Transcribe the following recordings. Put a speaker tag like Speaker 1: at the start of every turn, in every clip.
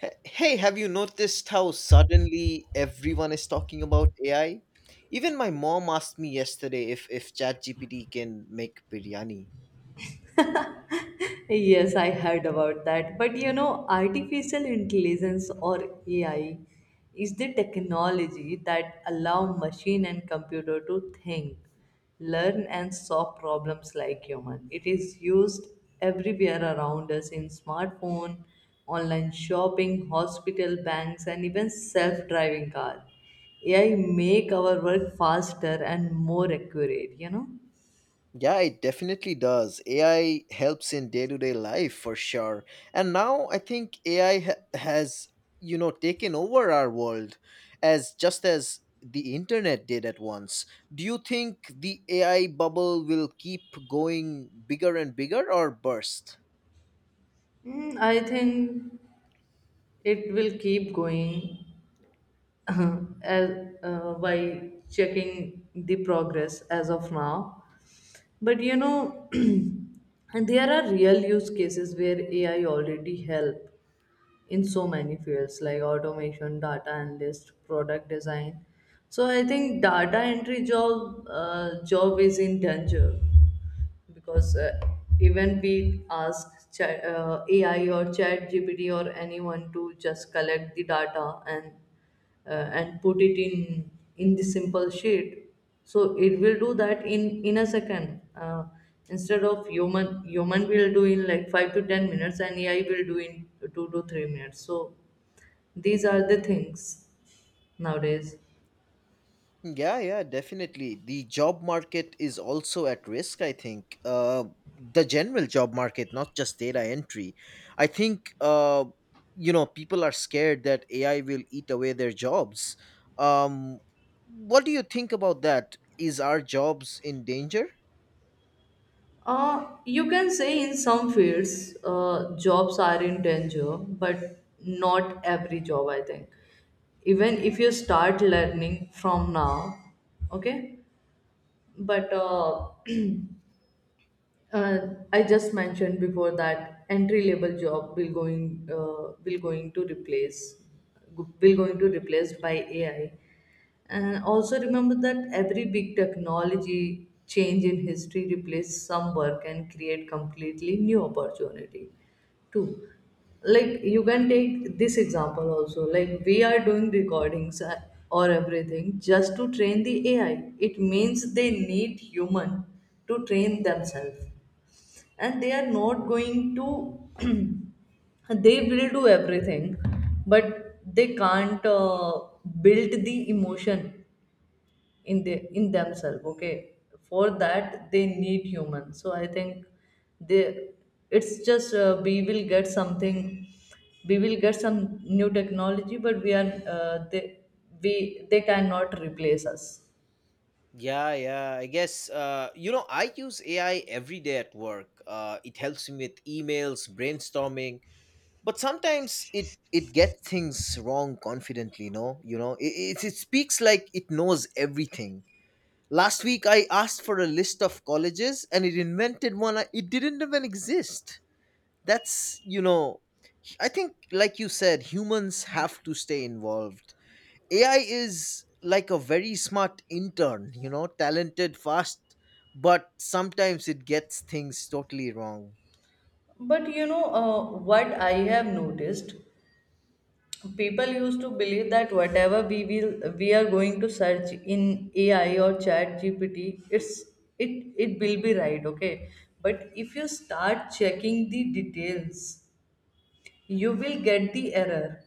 Speaker 1: Hey, have you noticed how suddenly everyone is talking about AI? Even my mom asked me yesterday if ChatGPT can make biryani.
Speaker 2: Yes, I heard about that. But you know, artificial intelligence or AI is the technology that allow machine and computer to think, learn and solve problems like human. It is used everywhere around us in smartphone, online shopping, hospital, banks and even self-driving car. AI make our work faster and more accurate, you know?
Speaker 1: Yeah, it definitely does. AI helps in day-to-day life for sure. And now I think AI has taken over our world as just as the internet did at once. Do you think the AI bubble will keep going bigger and bigger or burst?
Speaker 2: Mm, I think it will keep going uh, as, by checking the progress as of now. But you know, and there are real use cases where AI already help in so many fields like automation, data analyst, product design. So I think data entry job is in danger because even we ask AI or Chat GPT or anyone to just collect the data and put it in the simple sheet, so it will do that in a second. Instead of human, will do in like 5 to 10 minutes, and AI will do in 2 to 3 minutes. So these are the things nowadays.
Speaker 1: Yeah, yeah, definitely. The job market is also at risk, I think. The general job market, not just data entry. I think, people are scared that AI will eat away their jobs. Um, what do you think about that? Is our jobs in danger?
Speaker 2: You can say in some fields, jobs are in danger, but not every job, I think. Even if you start learning from now, okay? But I just mentioned before that entry level job will going to replaced by AI. And also remember that every big technology change in history replace some work and create completely new opportunity too. Like you can take this example also. Like we are doing recordings, or everything just to train the AI. It means they need human to train themselves and they are not going to they will do everything but they can't build the emotion in themselves, okay? For that they need humans. So I think they it's just we will get something, we will get some new technology, but we are they we they cannot replace us.
Speaker 1: Yeah, yeah. I guess, I use AI every day at work. It helps me with emails, brainstorming, but sometimes it gets things wrong confidently. No. It speaks like it knows everything. Last week I asked for a list of colleges, and it invented one. It didn't even exist. That's, you know, I think, like you said, humans have to stay involved. AI is like a very smart intern, talented, fast, but sometimes it gets things totally wrong.
Speaker 2: But you know, what I have noticed, people used to believe that whatever we are going to search in AI or Chat GPT, it it will be right, okay. But if you start checking the details, you will get the error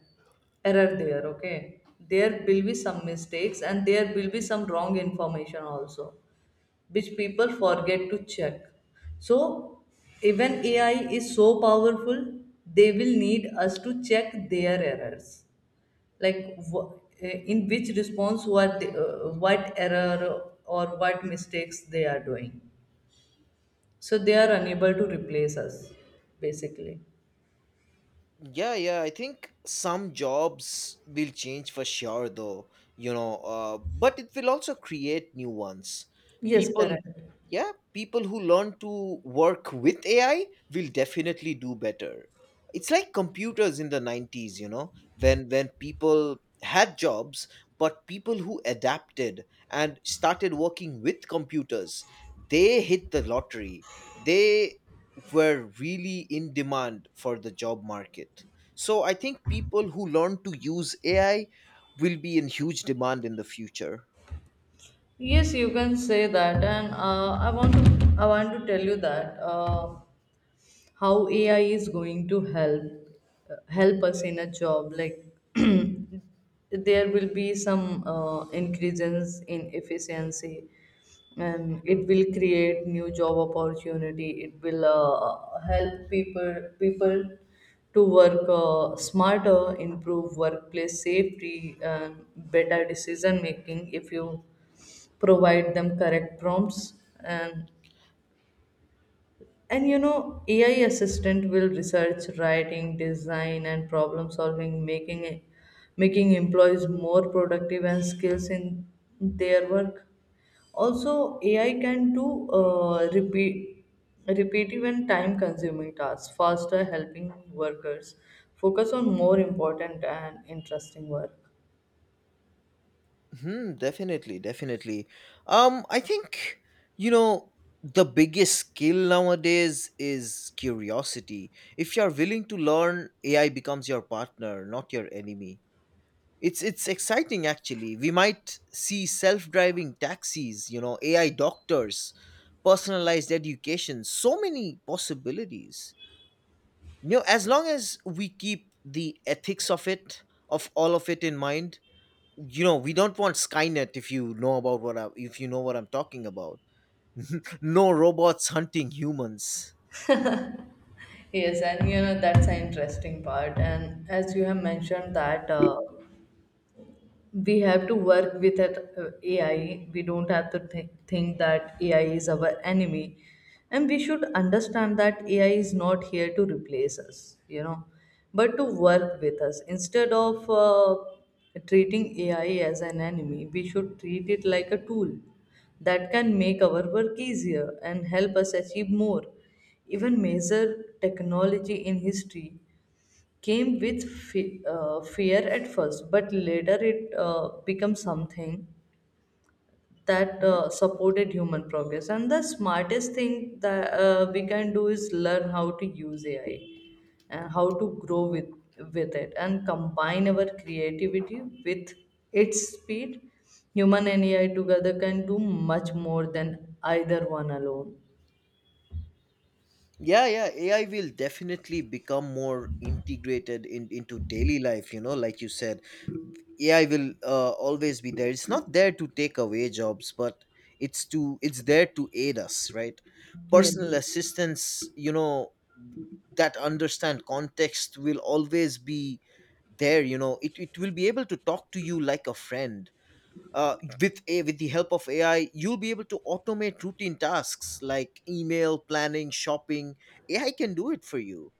Speaker 2: error there, okay. There will be some mistakes and there will be some wrong information also, which people forget to check. So even AI is so powerful, they will need us to check their errors, like in which response what they, what error or what mistakes they are doing, so they are unable to replace us basically.
Speaker 1: Yeah, yeah, I think some jobs will change for sure, though, but it will also create new ones.
Speaker 2: Yes,
Speaker 1: People,
Speaker 2: correct.
Speaker 1: yeah, people who learn to work with AI will definitely do better. It's like computers in the 90s, when people had jobs, but people who adapted and started working with computers, they hit the lottery. They were really in demand for the job market. So I think people who learn to use AI will be in huge demand in the future.
Speaker 2: Yes, you can say that. And I want to tell you that how AI is going to help help us in a job. Like there will be some increases in efficiency, and it will create new job opportunity. It will help people to work smarter, improve workplace safety, and better decision making. If you provide them correct prompts and you know, AI assistant will research, writing, design, and problem solving, making employees more productive and skills in their work. Also, AI can do repetitive and time-consuming tasks faster, helping workers focus on more important and interesting work.
Speaker 1: Hmm, definitely, definitely. I think you know the biggest skill nowadays is curiosity. If you're willing to learn, AI becomes your partner, not your enemy. It's exciting, actually, we might see self-driving taxis, AI doctors, personalized education, so many possibilities. As long as we keep the ethics of all of it in mind. You know, we don't want Skynet, if you know about what I, if you know what I'm talking about. No robots hunting humans.
Speaker 2: Yes, and you know, that's an interesting part. And as you have mentioned that we have to work with it, AI. We don't have to think that AI is our enemy. And we should understand that AI is not here to replace us, you know, but to work with us. Instead of treating AI as an enemy, we should treat it like a tool that can make our work easier and help us achieve more. Even major technology in history came with fear at first, but later it became something that
Speaker 1: Mhm.
Speaker 2: supported human progress. And the smartest thing that we can do is learn how to use AI and how to grow with it and combine our creativity with its speed. Human and AI together can do much more than either one alone.
Speaker 1: Yeah, yeah. AI will definitely become more integrated into daily life, like you said. AI will always be there. It's not there to take away jobs, but it's there to aid us, right?
Speaker 2: Yes.
Speaker 1: Personal assistance that understand context will always be there. It will be able to talk to you like a friend. With the help of AI, you'll be able to automate routine tasks like email, planning, shopping. AI can do it for you.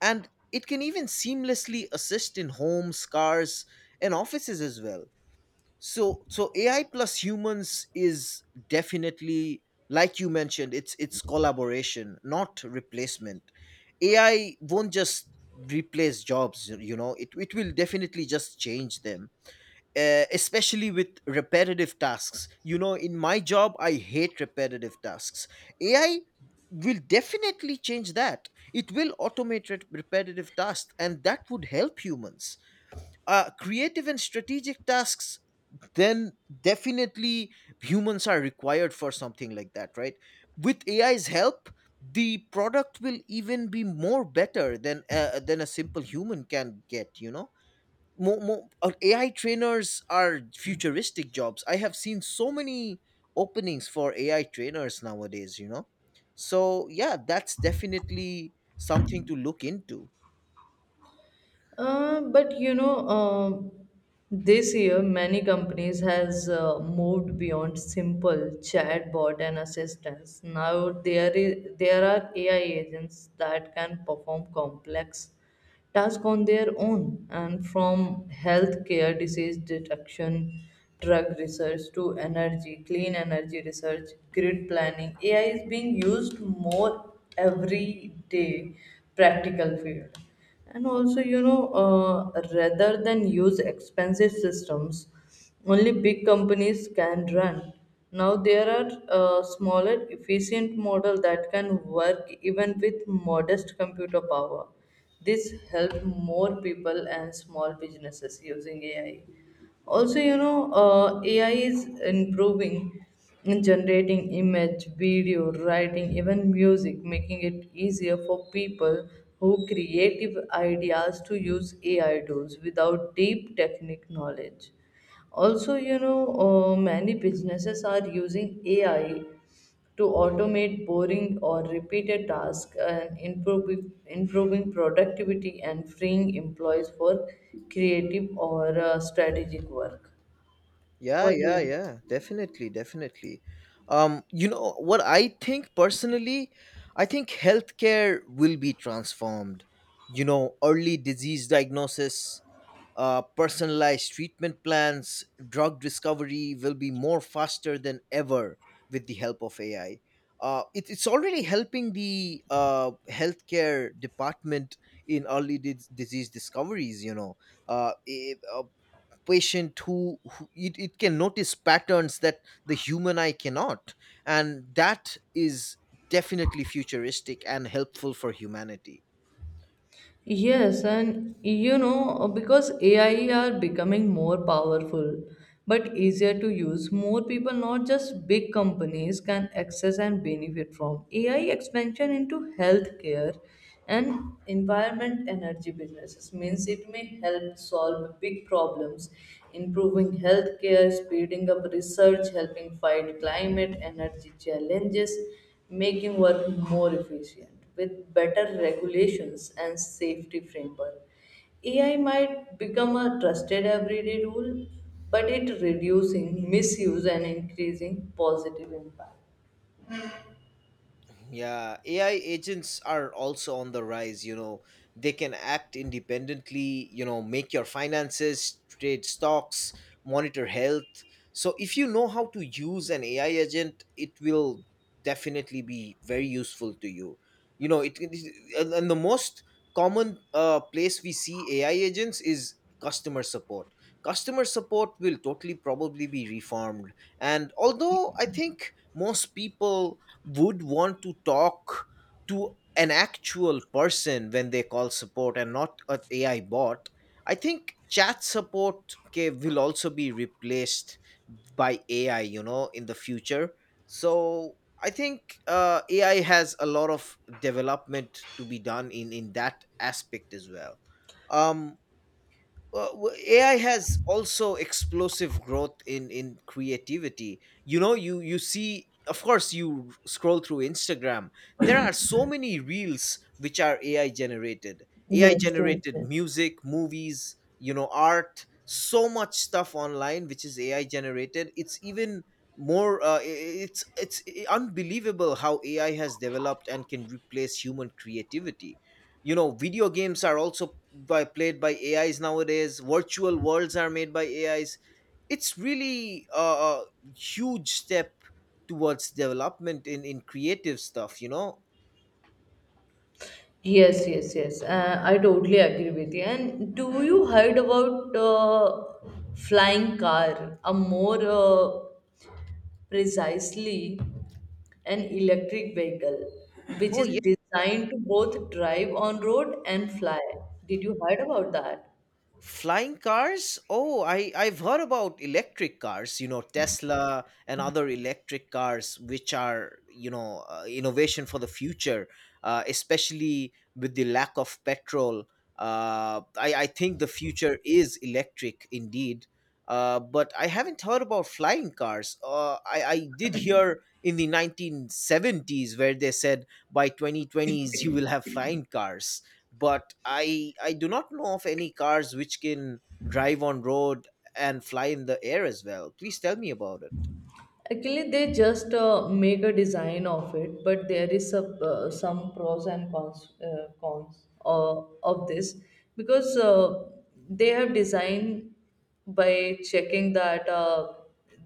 Speaker 1: And it can even seamlessly assist in homes, cars, and offices as well. So AI plus humans is definitely, like you mentioned, it's collaboration, not replacement. AI won't just replace jobs. It will definitely just change them, especially with repetitive tasks. In my job, I hate repetitive tasks. AI will definitely change that. It will automate repetitive tasks, and that would help humans. Creative and strategic tasks, then definitely humans are required for something like that, right? With AI's help, the product will even be more better than a simple human can get. You know Mo mo AI trainers are futuristic jobs. I have seen so many openings for AI trainers nowadays. So yeah, that's definitely something to look into.
Speaker 2: But you know, this year many companies has moved beyond simple chatbot and assistants. Now there are AI agents that can perform complex tasks on their own, and from healthcare disease detection, drug research to energy, clean energy research, grid planning, AI is being used more every day practical field. And also, you know, rather than use expensive systems only big companies can run, now there are smaller efficient model that can work even with modest computer power. This help more people and small businesses using AI. Also, you know, AI is improving in generating image, video, writing, even music, making it easier for people who creative ideas to use AI tools without deep technique knowledge. Also, you know, many businesses are using AI to automate boring or repeated tasks and improving productivity and freeing employees for creative or strategic work.
Speaker 1: Yeah,
Speaker 2: What do
Speaker 1: yeah,
Speaker 2: you think?
Speaker 1: yeah. Definitely, definitely. You know what I think personally, I think healthcare will be transformed. You know, early disease diagnosis, personalized treatment plans, drug discovery will be more faster than ever with the help of AI. It's already helping the healthcare department in early disease discoveries. A patient who it can notice patterns that the human eye cannot, and that is definitely futuristic and helpful for humanity.
Speaker 2: Yes, and you know, because AI are becoming more powerful but easier to use, more people, not just big companies, can access and benefit from AI expansion into healthcare and environment energy businesses. Means it may help solve big problems, improving healthcare, speeding up research, helping fight climate energy challenges, making work more efficient with better regulations and safety framework. AI might become a trusted everyday tool, but it reducing misuse and increasing positive impact.
Speaker 1: Yeah, AI agents are also on the rise. They can act independently, make your finances, trade stocks, monitor health. So, if you know how to use an AI agent, it will definitely be very useful to you. You know, it and the most common place we see AI agents is customer support. Customer support will totally probably be reformed. And although I think most people would want to talk to an actual person when they call support and not an AI bot. I think chat support, will also be replaced by AI, in the future. So I think AI has a lot of development to be done in that aspect as well. Um, well, AI has also explosive growth in creativity. You see, of course, you scroll through Instagram. There are so many reels which are AI generated. AI
Speaker 2: Yes, yes,
Speaker 1: generated
Speaker 2: yes.
Speaker 1: music, movies, art, so much stuff online which is AI generated. It's even more. It's unbelievable how AI has developed and can replace human creativity. Video games are also by played by AIs nowadays. Virtual worlds are made by AIs. It's really a huge step towards development in creative stuff.
Speaker 2: Yes, yes, yes. I totally agree with you. And do you heard about flying car? A more precisely an electric vehicle which
Speaker 1: Oh.
Speaker 2: is designed to both drive on road and fly. Did you heard about that?
Speaker 1: Flying cars? Oh, I've heard about electric cars, Tesla and other electric cars, which are, innovation for the future, especially with the lack of petrol. I think the future is electric indeed. But I haven't heard about flying cars. I did hear in the 1970s where they said by 2020s you will have flying cars, but I do not know of any cars which can drive on road and fly in the air as well. Please tell me about it.
Speaker 2: Actually, they just make a design of it, but there is a, some pros and cons, cons of this because they have designed by checking that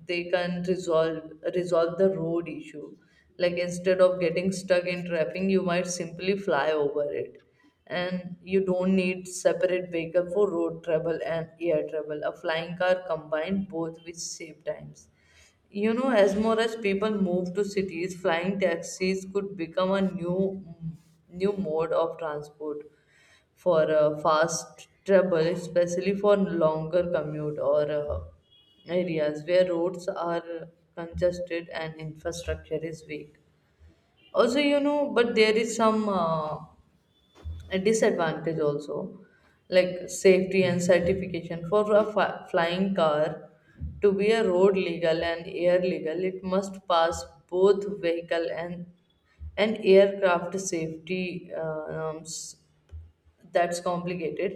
Speaker 2: they can resolve the road issue. Like instead of getting stuck in traffic, you might simply fly over it, and you don't need separate vehicle for road travel and air travel. A flying car combined both, which save times. You know, as more as people move to cities, flying taxis could become a new mode of transport for fast travel, especially for longer commute or areas where roads are congested and infrastructure is weak. Also, you know, but there is some. A disadvantage also, like safety and certification for a flying car. To be a road legal and air legal, it must pass both vehicle and aircraft safety norms, that's complicated.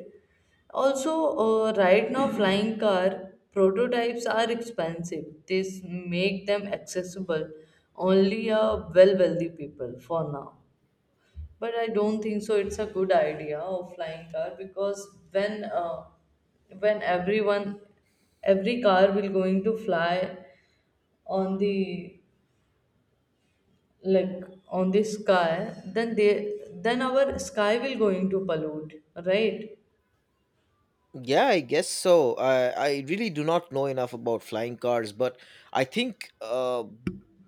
Speaker 2: Also, right now flying car prototypes are expensive. This make them accessible only a wealthy people for now. But I don't think so it's a good idea of flying car, because when uh, when everyone every car will going to fly on the, like, on the sky, then they then our sky will going to pollute, right?
Speaker 1: Yeah, I guess so. I really do not know enough about flying cars, but I think, uh,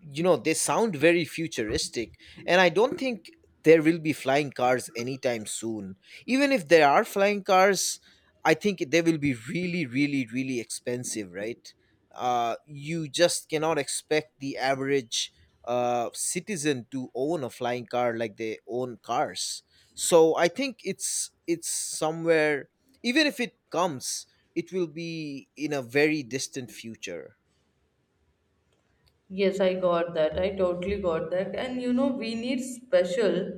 Speaker 1: you know they sound very futuristic, and I don't think there will be flying cars anytime soon. Even if there are flying cars, I think they will be really, really, really expensive, right? You just cannot expect the average citizen to own a flying car like they own cars. So I think it's somewhere, even if it comes, it will be in a very distant future.
Speaker 2: Yes, I got that. I totally got that. And you know, we need special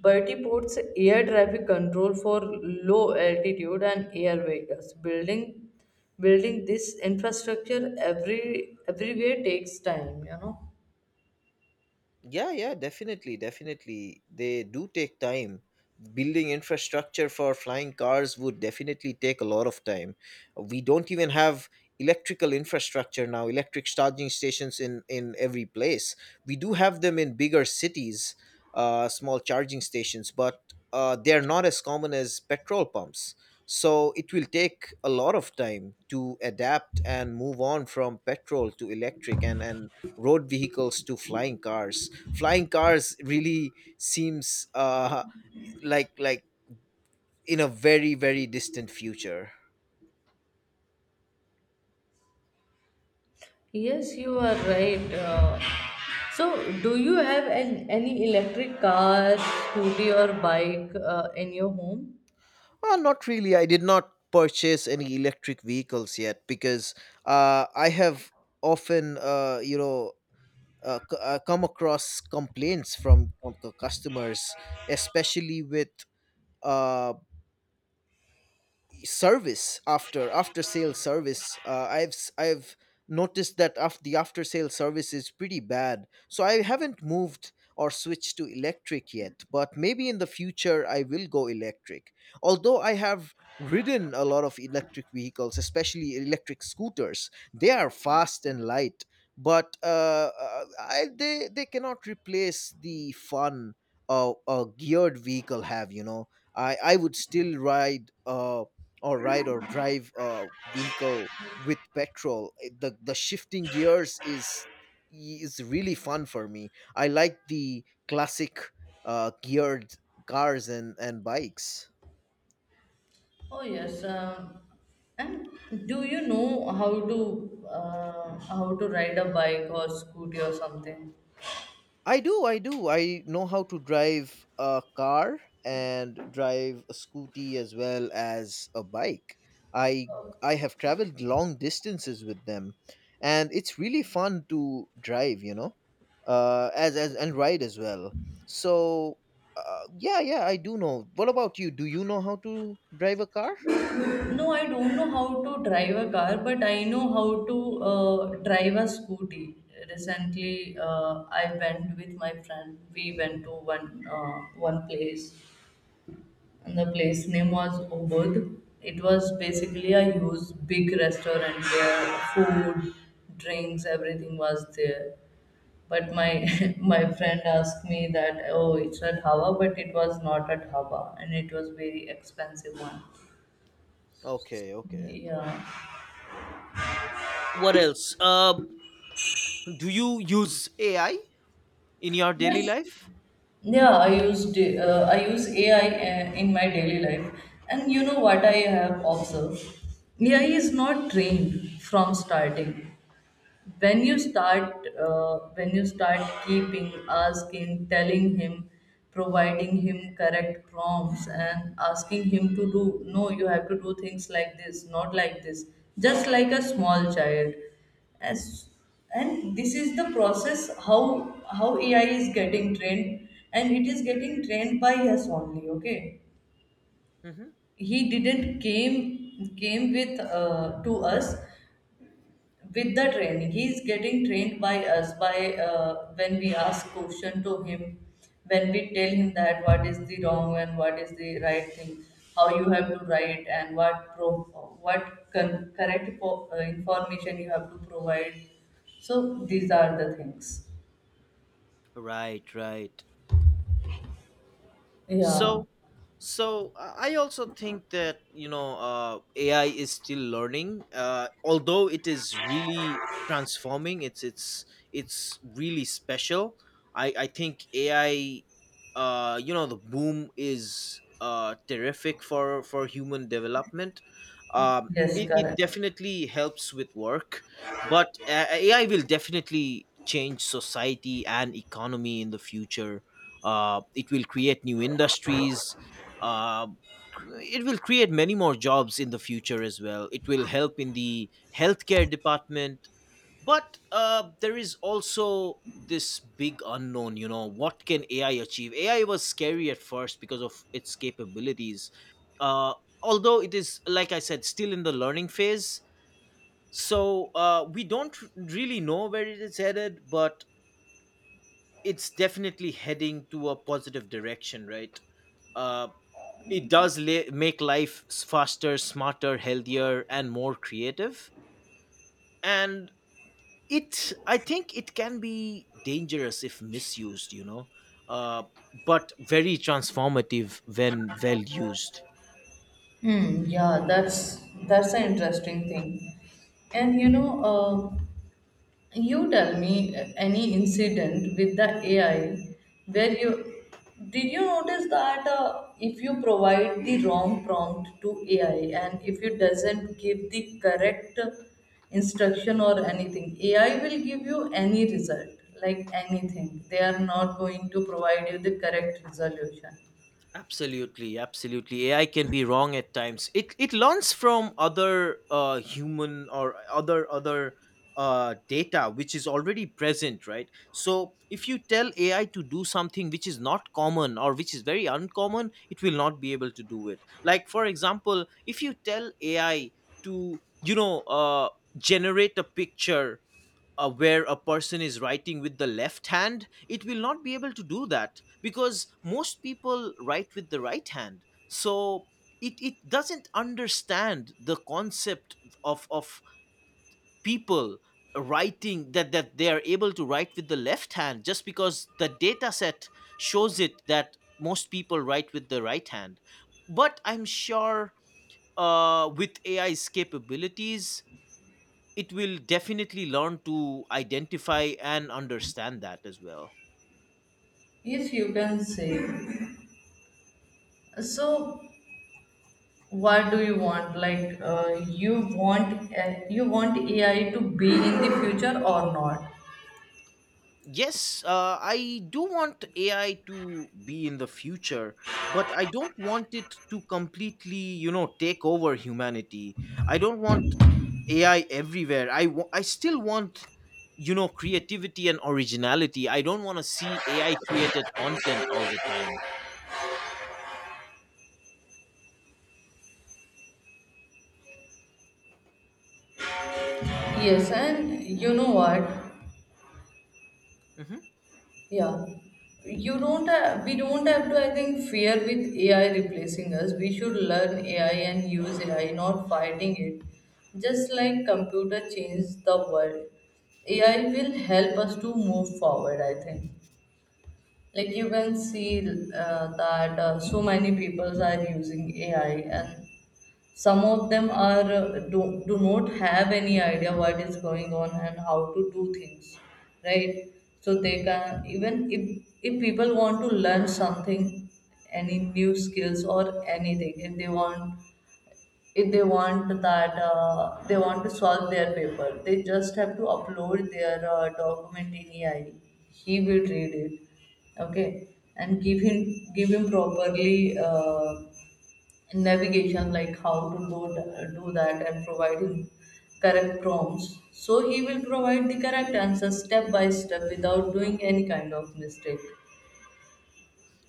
Speaker 2: vertiports air traffic control for low altitude and air vehicles. Building this infrastructure everywhere takes time, you know.
Speaker 1: Yeah, yeah, definitely, definitely. They do take time. Building infrastructure for flying cars would definitely take a lot of time. We don't even have electrical infrastructure now, electric charging stations in every place. We do have them in bigger cities, small charging stations, but they're not as common as petrol pumps. So it will take a lot of time to adapt and move on from petrol to electric, and road vehicles to flying cars. Flying cars really seems like in a very, very distant future.
Speaker 2: Yes, you are right. So, do you have an, any electric car, scooty, or bike in your home?
Speaker 1: Not really. I did not purchase any electric vehicles yet, because I have often, come across complaints from customers, especially with uh, service, after sale service. I've noticed that the after sale service is pretty bad, so I haven't moved or switched to electric yet, but maybe in the future I will go electric. Although I have ridden a lot of electric vehicles, especially electric scooters, they are fast and light. But uh, uh, I, they they cannot replace the fun a geared vehicle have. I would still ride or drive a vehicle with petrol. The shifting gears is really fun for me. I like the classic geared cars and bikes.
Speaker 2: Oh yes, and do you know how to ride a bike or scooty or something?
Speaker 1: I do, I do. I know how to drive a car and drive a scooty as well as a bike. I I have traveled long distances with them, and it's really fun to drive. You know, as and ride as well. So, yeah, yeah, I do know. What about you? Do you know how to drive a car?
Speaker 2: No, I don't know how to drive a car, but I know how to drive a scooty. Recently, I went with my friend. We went to one place, and the place name was Ubud. It was basically a huge, big restaurant where food, drinks, everything was there. But my my friend asked me that oh, it's a dhaba, but it was not a dhaba, and it was very expensive one.
Speaker 1: Okay, okay.
Speaker 2: Yeah.
Speaker 1: What else? Do you use AI in your daily
Speaker 2: Yes.
Speaker 1: life?
Speaker 2: I use AI in my daily life, and you know what I have observed? AI
Speaker 1: Okay.
Speaker 2: is not trained from starting. When you start when you start keeping asking, telling him, providing him correct prompts and asking him to do, no you have to do things like this, not like this, just like a small child. As and this is the process how AI is getting trained, and it is getting trained by us only. Okay,
Speaker 1: Hmm.
Speaker 2: he didn't came came with to us with the training. He is getting trained by us, by when we ask question to him, when we tell him that what is the wrong and what is the right thing, how you have to write and what correct information you have to provide. So these are the things.
Speaker 1: Right, right.
Speaker 2: Yeah.
Speaker 1: so so I also think that AI is still learning, although it is really transforming. It's really special. I think AI, the boom is terrific for human development. um
Speaker 2: Yes,
Speaker 1: it, it
Speaker 2: correct.
Speaker 1: definitely helps with work, but AI will definitely change society and economy in the future. It will create new industries. uh, it will create many more jobs in the future as well. It will help in the healthcare department. But there is also this big unknown. You know, what can AI achieve? AI was scary at first because of its capabilities. uh, Although it is, like I said, still in the learning phase. So we don't really know where it is headed, but it's definitely heading to a positive direction, right? uh, it does make life faster, smarter, healthier, and more creative. And it i think it can be dangerous if misused. uh, but very transformative when well used.
Speaker 2: Hmm, yeah, that's an interesting thing. And you know, you tell me any incident with the AI where you, did you notice that, if you provide the wrong prompt to AI, and if it doesn't give the correct instruction or anything, AI will give you any result, like anything. They are not going to provide you the correct resolution.
Speaker 1: Absolutely, absolutely. AI can be wrong at times. It learns from other human or other data which is already present, right? So if you tell AI to do something which is not common or which is very uncommon, it will not be able to do it. Like for example, if you tell AI to generate a picture, where a person is writing with the left hand, it will not be able to do that because most people write with the right hand. So it doesn't understand the concept of people writing that they are able to write with the left hand just because the data set shows it that most people write with the right hand. But I'm sure, with AI's capabilities, it will definitely learn to identify and understand that as well.
Speaker 2: If you can say, so what do you want? Like you want AI to be in the future or not?
Speaker 1: Yes, I do want AI to be in the future, but I don't want it to completely, take over humanity. I don't want AI everywhere. I still want, creativity and originality. I don't want to see AI created content all the time.
Speaker 2: Yes, and you know what,
Speaker 1: Hmm.
Speaker 2: yeah, you don't have, we don't have to, I think, fear with AI replacing us. We should learn AI and use AI, not fighting it. Just like computer changed the world, AI will help us to move forward, I think. Like you can see, that so many people are using AI, and some of them are do not have any idea what is going on and how to do things, right? So they can, even if people want to learn something, any new skills or anything, if they want, if they want that, they want to solve their paper, they just have to upload their document in AI. He will read it, okay, and give him, give him properly navigation, like how to do, do that, and provide him correct prompts, so he will provide the correct answer step by step without doing any kind of mistake.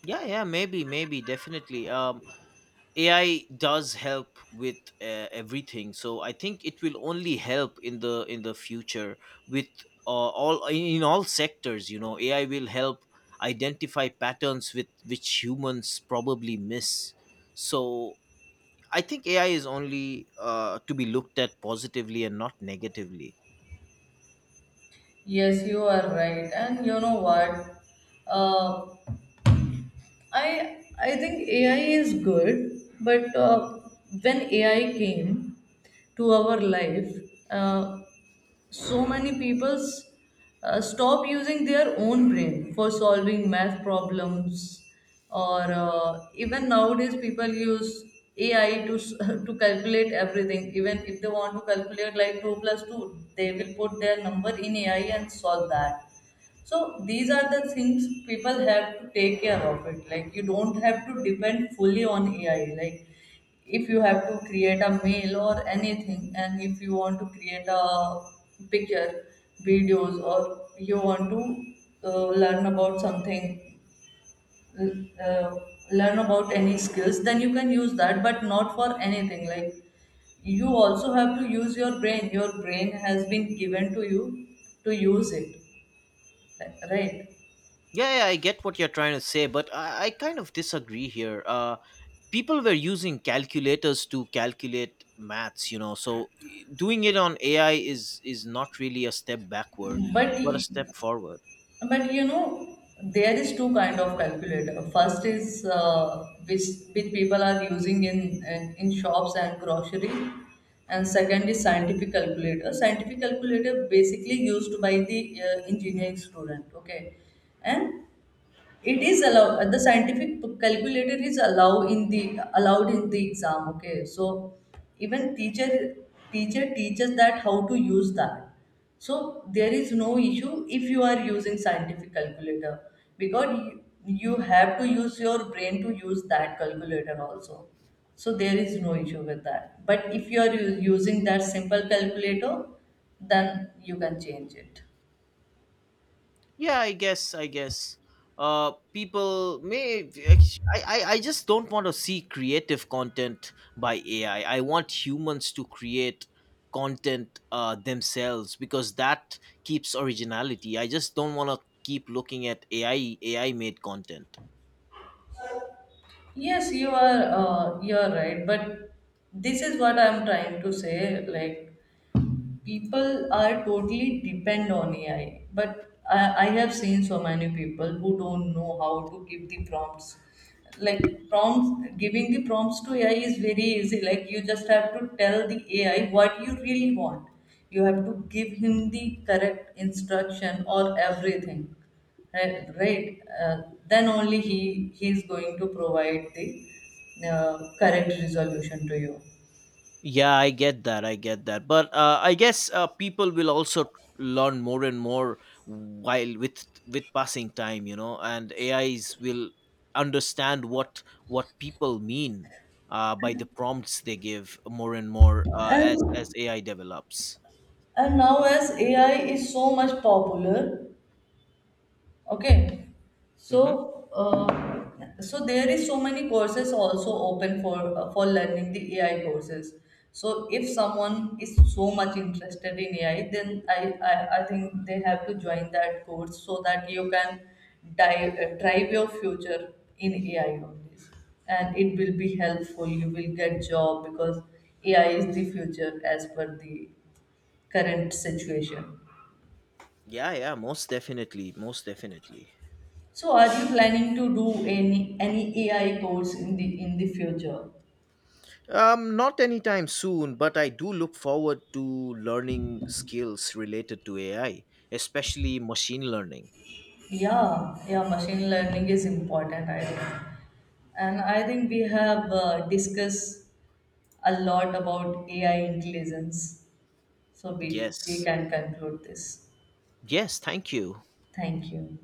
Speaker 1: Yeah, yeah, maybe, maybe, definitely. AI does help with everything, so I think it will only help in the future with all in all sectors. AI will help identify patterns with which humans probably miss. So I think AI is only to be looked at positively and not negatively.
Speaker 2: Yes, you are right. And you know what, uh, I think AI is good, but when AI came to our life, uh, so many people stop using their own brain for solving math problems, or even nowadays people use AI to to calculate everything. Even if they want to calculate like two plus two, they will put their number in AI and solve that. So these are the things people have to take care of it. Like you don't have to depend fully on AI. Like if you have to create a mail or anything, and if you want to create a picture, videos, or you want to learn about something, uh, uh, learn about any skills, then you can use that, but not for anything. Like you also have to use your brain. Your brain has been given to you to use it, right?
Speaker 1: Yeah, yeah, I get what you're trying to say, but I kind of disagree here. People were using calculators to calculate maths, so doing it on AI is not really a step backward,
Speaker 2: but
Speaker 1: but a
Speaker 2: y-
Speaker 1: step forward.
Speaker 2: but you know, there is two kind of calculator. First is which which people are using in, in shops and grocery, and second is scientific calculator. Scientific calculator basically used by the engineering student, okay? And it is allowed, the scientific calculator is allowed in the, allowed in the exam, okay? So even teacher, teacher teaches that how to use that. So there is no issue if you are using scientific calculator, because you have to use your brain to use that calculator also. So there is no issue with that, but if you are using that simple calculator, then you can change it.
Speaker 1: Yeah, I guess, people may I just don't want to see creative content by AI. I want humans to create content themselves because that keeps originality. I just don't want to keep looking at AI made content.
Speaker 2: Yes, you are right, but this is what I'm trying to say. Like people are totally depend on AI. But I have seen so many people who don't know how to give the prompts. Like prompts, giving the prompts to AI is very easy. Like you just have to tell the AI what you really want. You have to give him the correct instruction or everything, right? Right? Then only he is going to provide the correct resolution to you.
Speaker 1: Yeah, I get that. I get that. But I guess, people will also learn more and more while with passing time, and AIs will understand what people mean by the prompts they give more and more, as
Speaker 2: And
Speaker 1: AI develops.
Speaker 2: And now, as AI is so much popular, okay,
Speaker 1: Hmm.
Speaker 2: so so there is so many courses also open for learning the AI courses. So if someone is so much interested in AI, then I think they have to join that course so that you can dive, drive your future in AI only. And it will be helpful. You will get job because AI is the future as per the current situation.
Speaker 1: Yeah, yeah, most definitely, most definitely.
Speaker 2: So, are you planning to do any AI course in the future?
Speaker 1: Not anytime soon, but I do look forward to learning skills related to AI, especially machine learning.
Speaker 2: Yeah, yeah, machine learning is important, I think. And I think we have discussed a lot about AI intelligence. So we
Speaker 1: Yes.
Speaker 2: can conclude this.
Speaker 1: Yes, thank you.
Speaker 2: Thank you.